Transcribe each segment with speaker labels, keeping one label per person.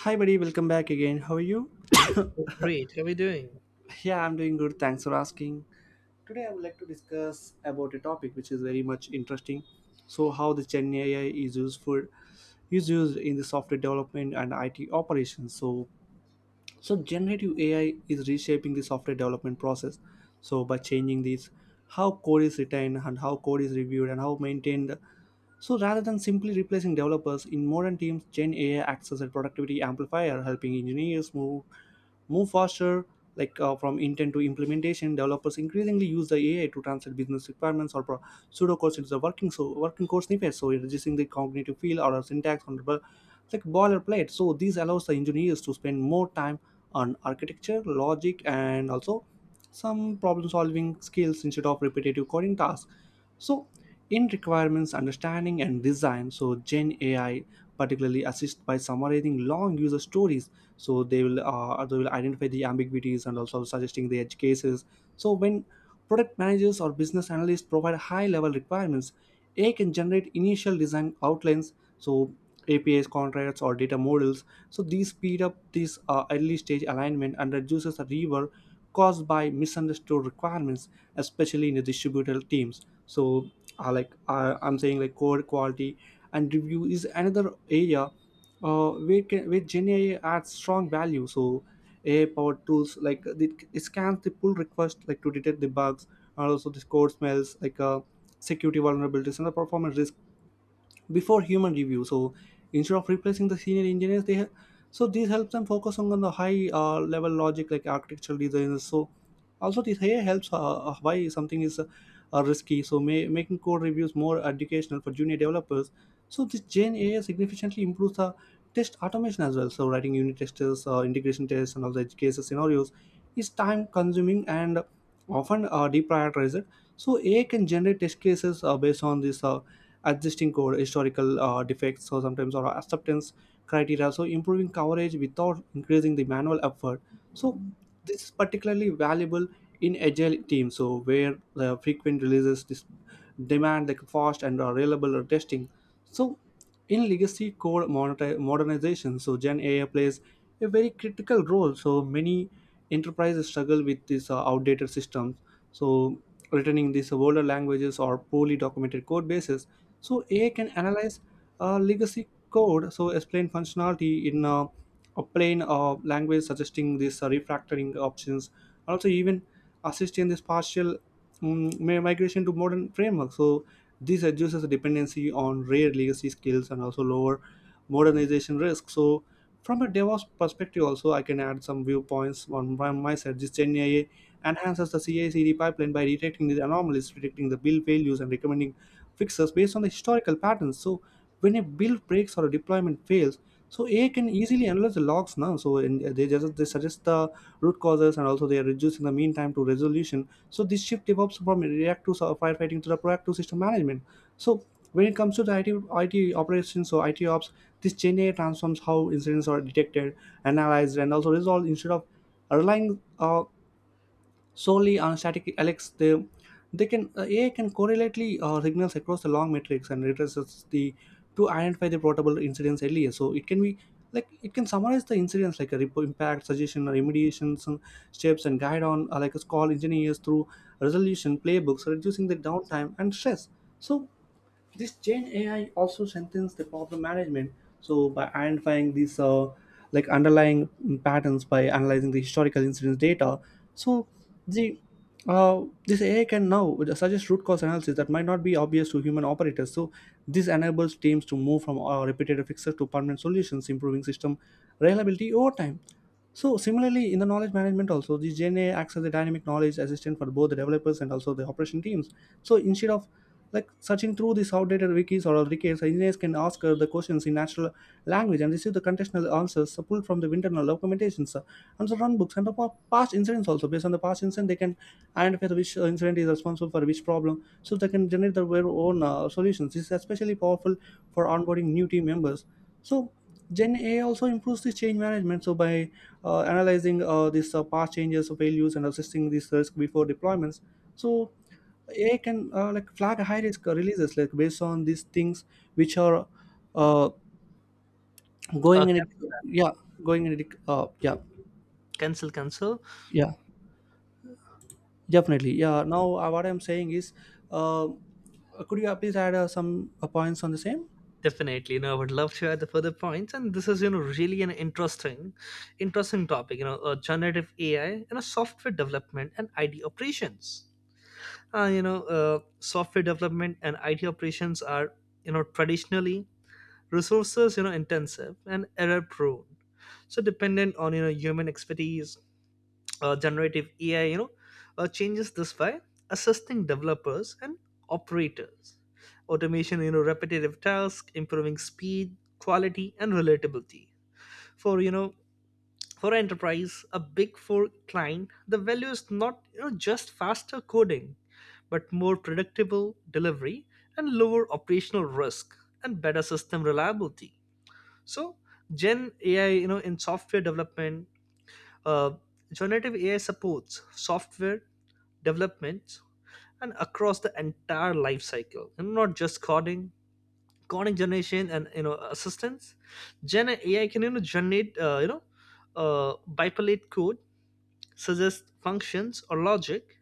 Speaker 1: Hi, buddy. Welcome back again. How are you?
Speaker 2: Great. How are we doing?
Speaker 1: Yeah, I'm doing good. Thanks for asking. Today, I would like to discuss about a topic which is very much interesting. So, how the Gen AI is used for is used in the software development and IT operations. So, generative AI is reshaping the software development process. So, by changing this, how code is written and how code is reviewed and how maintained. So, rather than simply replacing developers in modern teams, Gen AI acts as a productivity amplifier, helping engineers move faster. From intent to implementation, developers increasingly use the ai to translate business requirements or pseudocodes into the working code snippets, so reducing the cognitive field or a syntax on the boilerplate. So this allows the engineers to spend more time on architecture logic and also some problem solving skills instead of repetitive coding tasks. So in requirements understanding and design, so gen ai particularly assist by summarizing long user stories. So they will identify the ambiguities and also suggesting the edge cases. So when product managers or business analysts provide high level requirements, ai can generate initial design outlines, so apis contracts or data models. So these speed up this early stage alignment and reduces the rework caused by misunderstood requirements, especially in the distributed teams. So I'm saying, like, code quality and review is another area where gen AI adds strong value. So AI powered tools, like it scans the pull request like to detect the bugs and also the code smells, security vulnerabilities and the performance risk before human review. So instead of replacing the senior engineers they have, so this helps them focus on the high level logic, like architectural designers. So also this AI helps why something is risky, so making code reviews more educational for junior developers. So this gen ai significantly improves the test automation as well. So writing unit testers, integration tests and all the edge cases scenarios is time consuming and often deprioritized. So ai can generate test cases based on this adjusting code historical defects, so sometimes, or acceptance criteria, so improving coverage without increasing the manual effort. So this is particularly valuable in agile teams, so where the frequent releases demand like fast and reliable testing. So in legacy code modernization, so gen ai plays a very critical role. So many enterprises struggle with these outdated systems, so returning these older languages or poorly documented code bases. So AI can analyze legacy code, so explain functionality in a plain language, suggesting these refactoring options, also even assist in this partial migration to modern framework. So this reduces the dependency on rare legacy skills and also lower modernization risk. So from a DevOps perspective, also I can add some viewpoints on from my side. This Gen AI enhances the CI/CD pipeline by detecting the anomalies, predicting the build failures, and recommending fixes based on the historical patterns. So when a build breaks or a deployment fails, so AI can easily analyze the logs now. So in, they just they suggest the root causes and also they are reducing the mean time to resolution. So this shift develops from reactive sort of firefighting to the proactive system management. So when it comes to the IT operations or IT ops, this Gen AI transforms how incidents are detected, analyzed, and also resolved, instead of relying solely on static Alex, they can AI can correlately signals across the long matrix and retraces the to identify the portable incidents earlier. So it can be like it can summarize the incidents like a report impact suggestion or remediations and steps and guide on like a call engineers through resolution playbooks, reducing the downtime and stress. So this Gen AI also strengthens the problem management. So by identifying these like underlying patterns by analyzing the historical incidence data, so the this AI can now suggest root cause analysis that might not be obvious to human operators. So this enables teams to move from repetitive fixes to permanent solutions, improving system reliability over time. So similarly, in the knowledge management also, the Gen AI acts as a dynamic knowledge assistant for both the developers and also the operation teams. So instead of like searching through these outdated wikis or wikis, engineers can ask the questions in natural language and receive the contextual answers pulled from the internal documentations and the run books and the past incidents also. Based on the past incident, they can identify the which incident is responsible for which problem, so they can generate their very own solutions. This is especially powerful for onboarding new team members. So Gen A also improves the change management. So by analyzing these past changes, failures, and assessing these risk before deployments, so AI can like flag high risk releases like based on these things which are uh,
Speaker 2: Uh,
Speaker 1: going in it. Yeah, going in it. Yeah,
Speaker 2: cancel, cancel.
Speaker 1: yeah, definitely. Yeah. Now what I'm saying is, uh, could you please add some points on the same?
Speaker 2: Definitely. I would love to add the further points. And this is, really an interesting topic. Generative AI, software development and IT operations. Software development and IT operations are, traditionally resources, intensive and error prone. So dependent on, human expertise. Generative AI, changes this by assisting developers and operators. Automation, repetitive tasks, improving speed, quality, and relatability. For you know, for enterprise, a big four client, the value is not, just faster coding, but more predictable delivery and lower operational risk and better system reliability. So, Gen AI, in software development, uh, generative AI supports software developments and across the entire life cycle, and not just coding generation and assistance. Gen AI can generate uh, bipolate code, suggest functions or logic,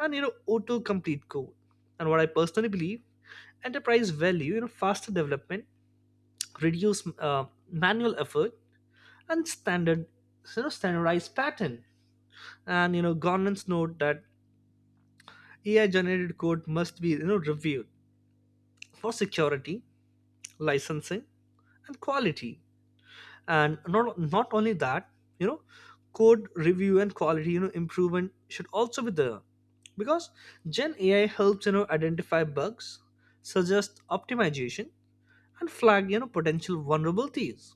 Speaker 2: and auto complete code. And what I personally believe: enterprise value, faster development, reduce manual effort, and standard standardized pattern, and governance. Note that AI generated code must be reviewed for security, licensing, and quality. And not only that, you know, code review and quality, improvement should also be there, because Gen AI helps identify bugs, suggest optimization, and flag potential vulnerabilities.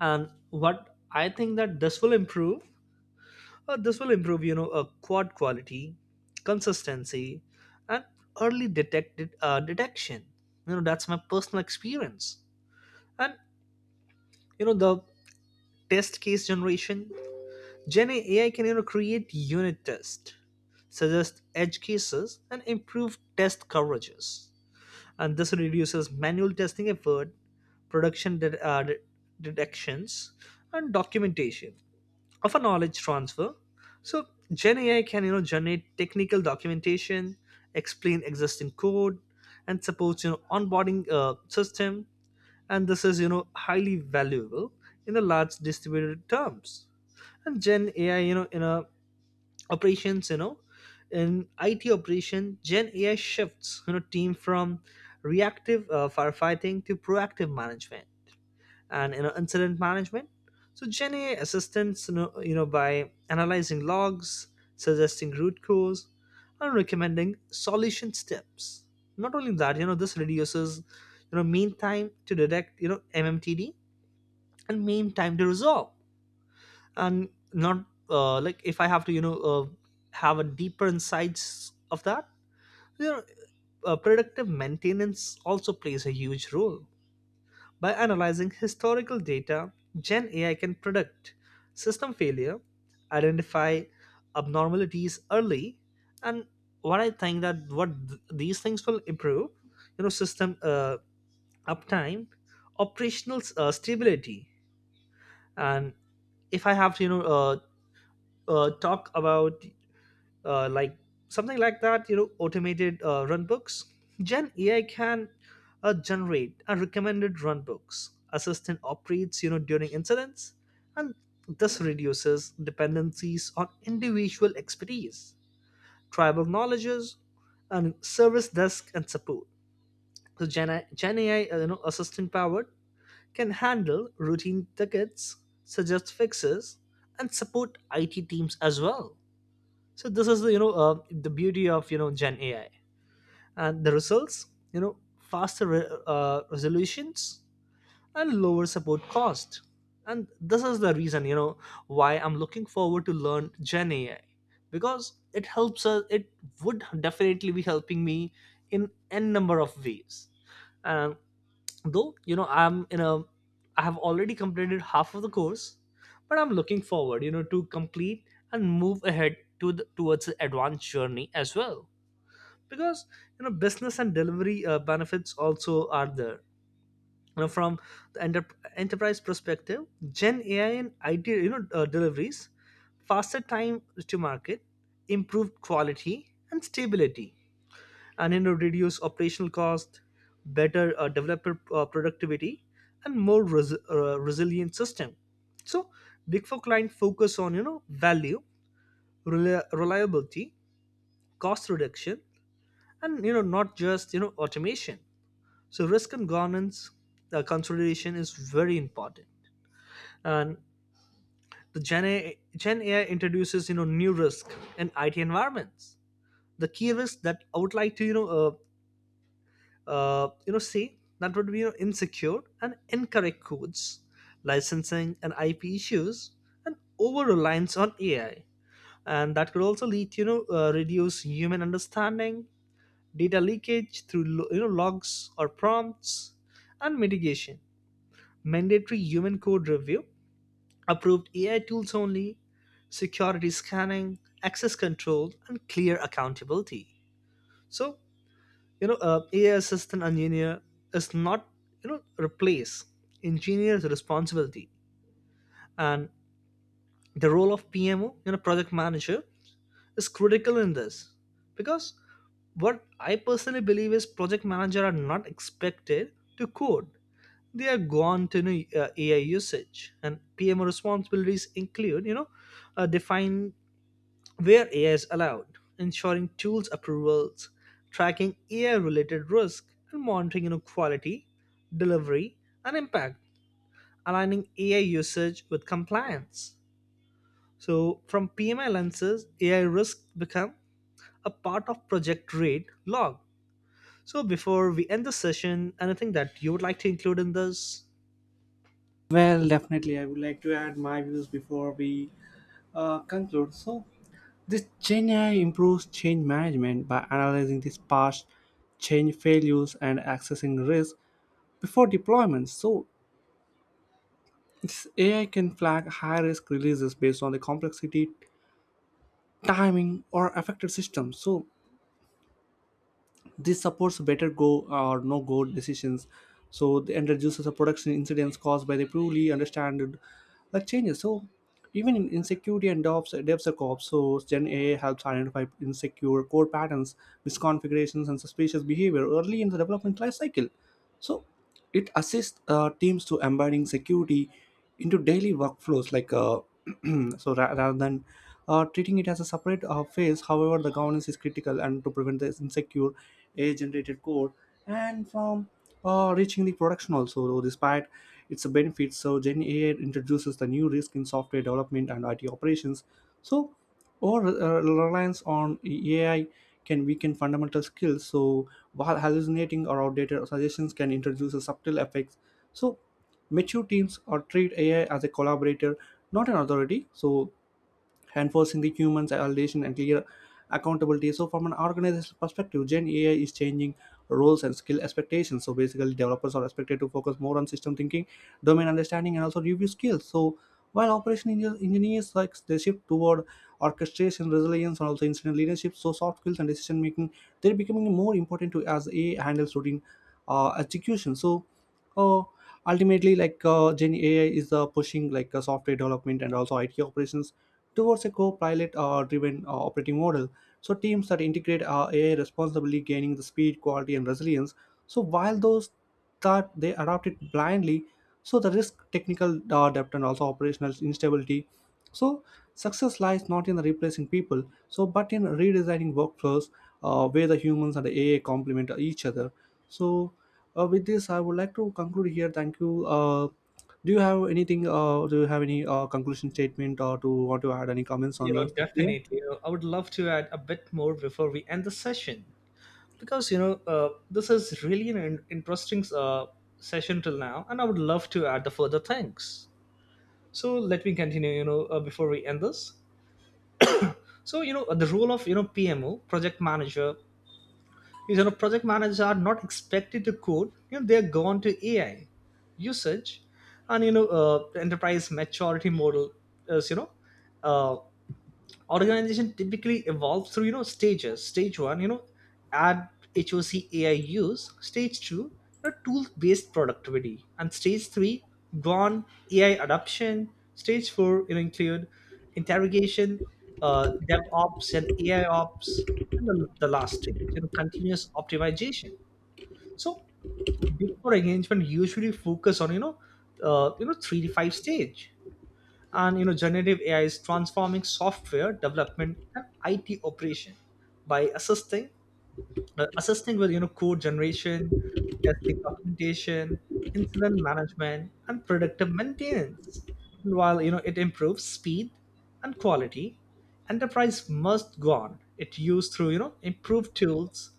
Speaker 2: And what I think that this will improve a quad quality, consistency, and early detected detection. You know that's my personal experience. And the test case generation. Gen AI can create unit tests, suggest edge cases, and improve test coverages, and this reduces manual testing effort, production de- uh, de- detections, and documentation of a knowledge transfer. So Gen AI can generate technical documentation, explain existing code, and supports onboarding system. And this is highly valuable in the large distributed terms. And Gen AI, in a operations, in IT operation, Gen AI shifts team from reactive firefighting to proactive management and incident management. So Gen AI assists, by analyzing logs, suggesting root cause, and recommending solution steps. Not only that, this reduces mean time to detect, MMTD, and mean time to resolve. And not like if I have to have a deeper insights of that. You know, Predictive maintenance also plays a huge role. By analyzing historical data, Gen AI can predict system failure, identify abnormalities early. And what I think that what th- these things will improve, system uptime, operational stability. And if I have to, talk about uh, like something like that, automated run. Gen AI can generate and recommended runbooks, assistant operates during incidents. And this reduces dependencies on individual expertise, tribal knowledges, and service desk and support. So Gen AI assistant powered can handle routine tickets, suggest fixes, and support IT teams as well. So this is the, the beauty of, Gen AI. And the results, resolutions and lower support cost. And this is the reason, why I'm looking forward to learn Gen AI, because it helps us. It would definitely be helping me in n number of ways. And though I'm in a I have already completed half of the course, but I'm looking forward, to complete and move ahead to the, towards the advanced journey as well. Because business and delivery benefits also are there, from the enter- enterprise perspective. Gen AI and IT, deliveries faster time to market, improved quality and stability, and then reduce operational cost, better developer productivity, and resilient system. So, big four client focus on, value, reliability, cost reduction, and not just, automation. So, risk and governance consolidation is very important. And the Gen AI introduces, new risk in IT environments. The key risks that I would like to, say, that would be, insecure and incorrect codes, licensing and IP issues, and over reliance on AI, and that could also lead to, reduce human understanding, data leakage through logs or prompts, and mitigation, mandatory human code review, approved AI tools only, security scanning, access control, and clear accountability. So AI assistant engineer is not, you know replace engineer's responsibility. And the role of PMO, project manager, is critical in this. Because what I personally believe is, project manager are not expected to code, they are gone to, AI usage. And PMO responsibilities include, define where AI is allowed, ensuring tools approvals, tracking AI-related risk, and monitoring, quality, delivery, and impact, aligning AI usage with compliance. So, from PMI lenses, AI risk become a part of project rate log. So, before we end the session, anything that you would like to include in this?
Speaker 1: Well, definitely. I would like to add my views before we conclude. So, this Gen AI improves change management by analyzing these past change failures and accessing risk before deployment. So, this AI can flag high risk releases based on the complexity, timing, or affected systems. So this supports better go, or no go decisions. So the end reduces the production incidents caused by the poorly understood like changes. So even in insecurity and DevOps, DevSecOps, so Gen AI helps identify insecure code patterns, misconfigurations, and suspicious behavior early in the development life cycle. So it assists teams to embedding security into daily workflows, like, so rather than treating it as a separate phase. However, the governance is critical and to prevent this insecure AI-generated code and from reaching the production also. Though despite its benefits, so Gen AI introduces the new risk in software development and IT operations. So or reliance on AI can weaken fundamental skills. So while hallucinating or outdated suggestions can introduce a subtle effects. So mature teams or treat AI as a collaborator, not an authority. So enforcing the human validation and clear accountability. So from an organizational perspective, gen ai is changing roles and skill expectations. So basically developers are expected to focus more on system thinking, domain understanding and also review skills. So while operation engineers like they shift toward orchestration, resilience and also incident leadership. So soft skills and decision making, they're becoming more important to as AI handles routine execution. So uh, ultimately gen ai is pushing like software development and also it operations towards a co-pilot driven operating model. So teams that integrate ai responsibly gaining the speed quality and resilience. So while those that they adopt it blindly, so the risk technical depth and also operational instability. So success lies not in replacing people, so but in redesigning workflows where the humans and the ai complement each other. So with this I would like to conclude here. Thank you. Do you have anything? Do you have any conclusion statement or to want to add any comments
Speaker 2: You
Speaker 1: on
Speaker 2: know,
Speaker 1: the same?
Speaker 2: definitely. You know, I would love to add a bit more before we end the session. Because this is really an interesting session till now, and I would love to add the further things. So let me continue, before we end this. So the role of, PMO project manager, is, project managers are not expected to code, they're gone to AI usage. And the enterprise maturity model is, uh, organization typically evolves through, stages. Stage one, add hoc AI use. Stage two, tool based productivity. And stage three, gone AI adoption. Stage four, include interrogation, DevOps and AI ops. And the last stage, continuous optimization. So big four engagement usually focus on, three to five stage. And generative AI is transforming software development and IT operation by assisting with, code generation, testing, documentation, incident management, and predictive maintenance. And while it improves speed and quality, enterprise must go on it used through, improved tools,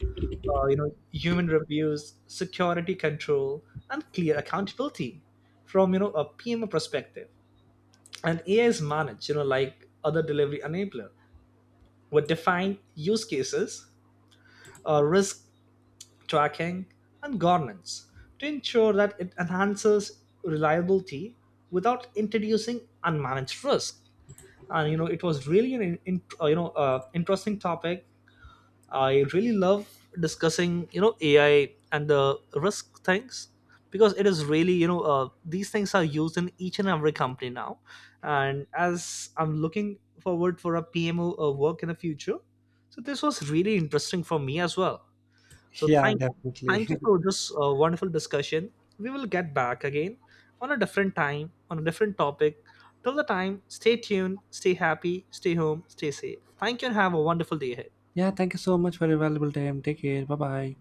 Speaker 2: human reviews, security control, and clear accountability. From, a PMO perspective, and AI is managed, like other delivery enabler, with defined use cases, risk tracking, and governance to ensure that it enhances reliability without introducing unmanaged risk. And it was really an interesting topic. I really love discussing, AI and the risk things, because it is really, these things are used in each and every company now. And as I'm looking forward for a PMO work in the future, so this was really interesting for me as well. So
Speaker 1: Yeah,
Speaker 2: thank,
Speaker 1: definitely.
Speaker 2: Thank you for this wonderful discussion. We will get back again on a different time, on a different topic. Till the time, stay tuned, stay happy, stay home, stay safe. Thank you and have a wonderful day ahead.
Speaker 1: Yeah, thank you so much for your valuable time. Take care. Bye bye.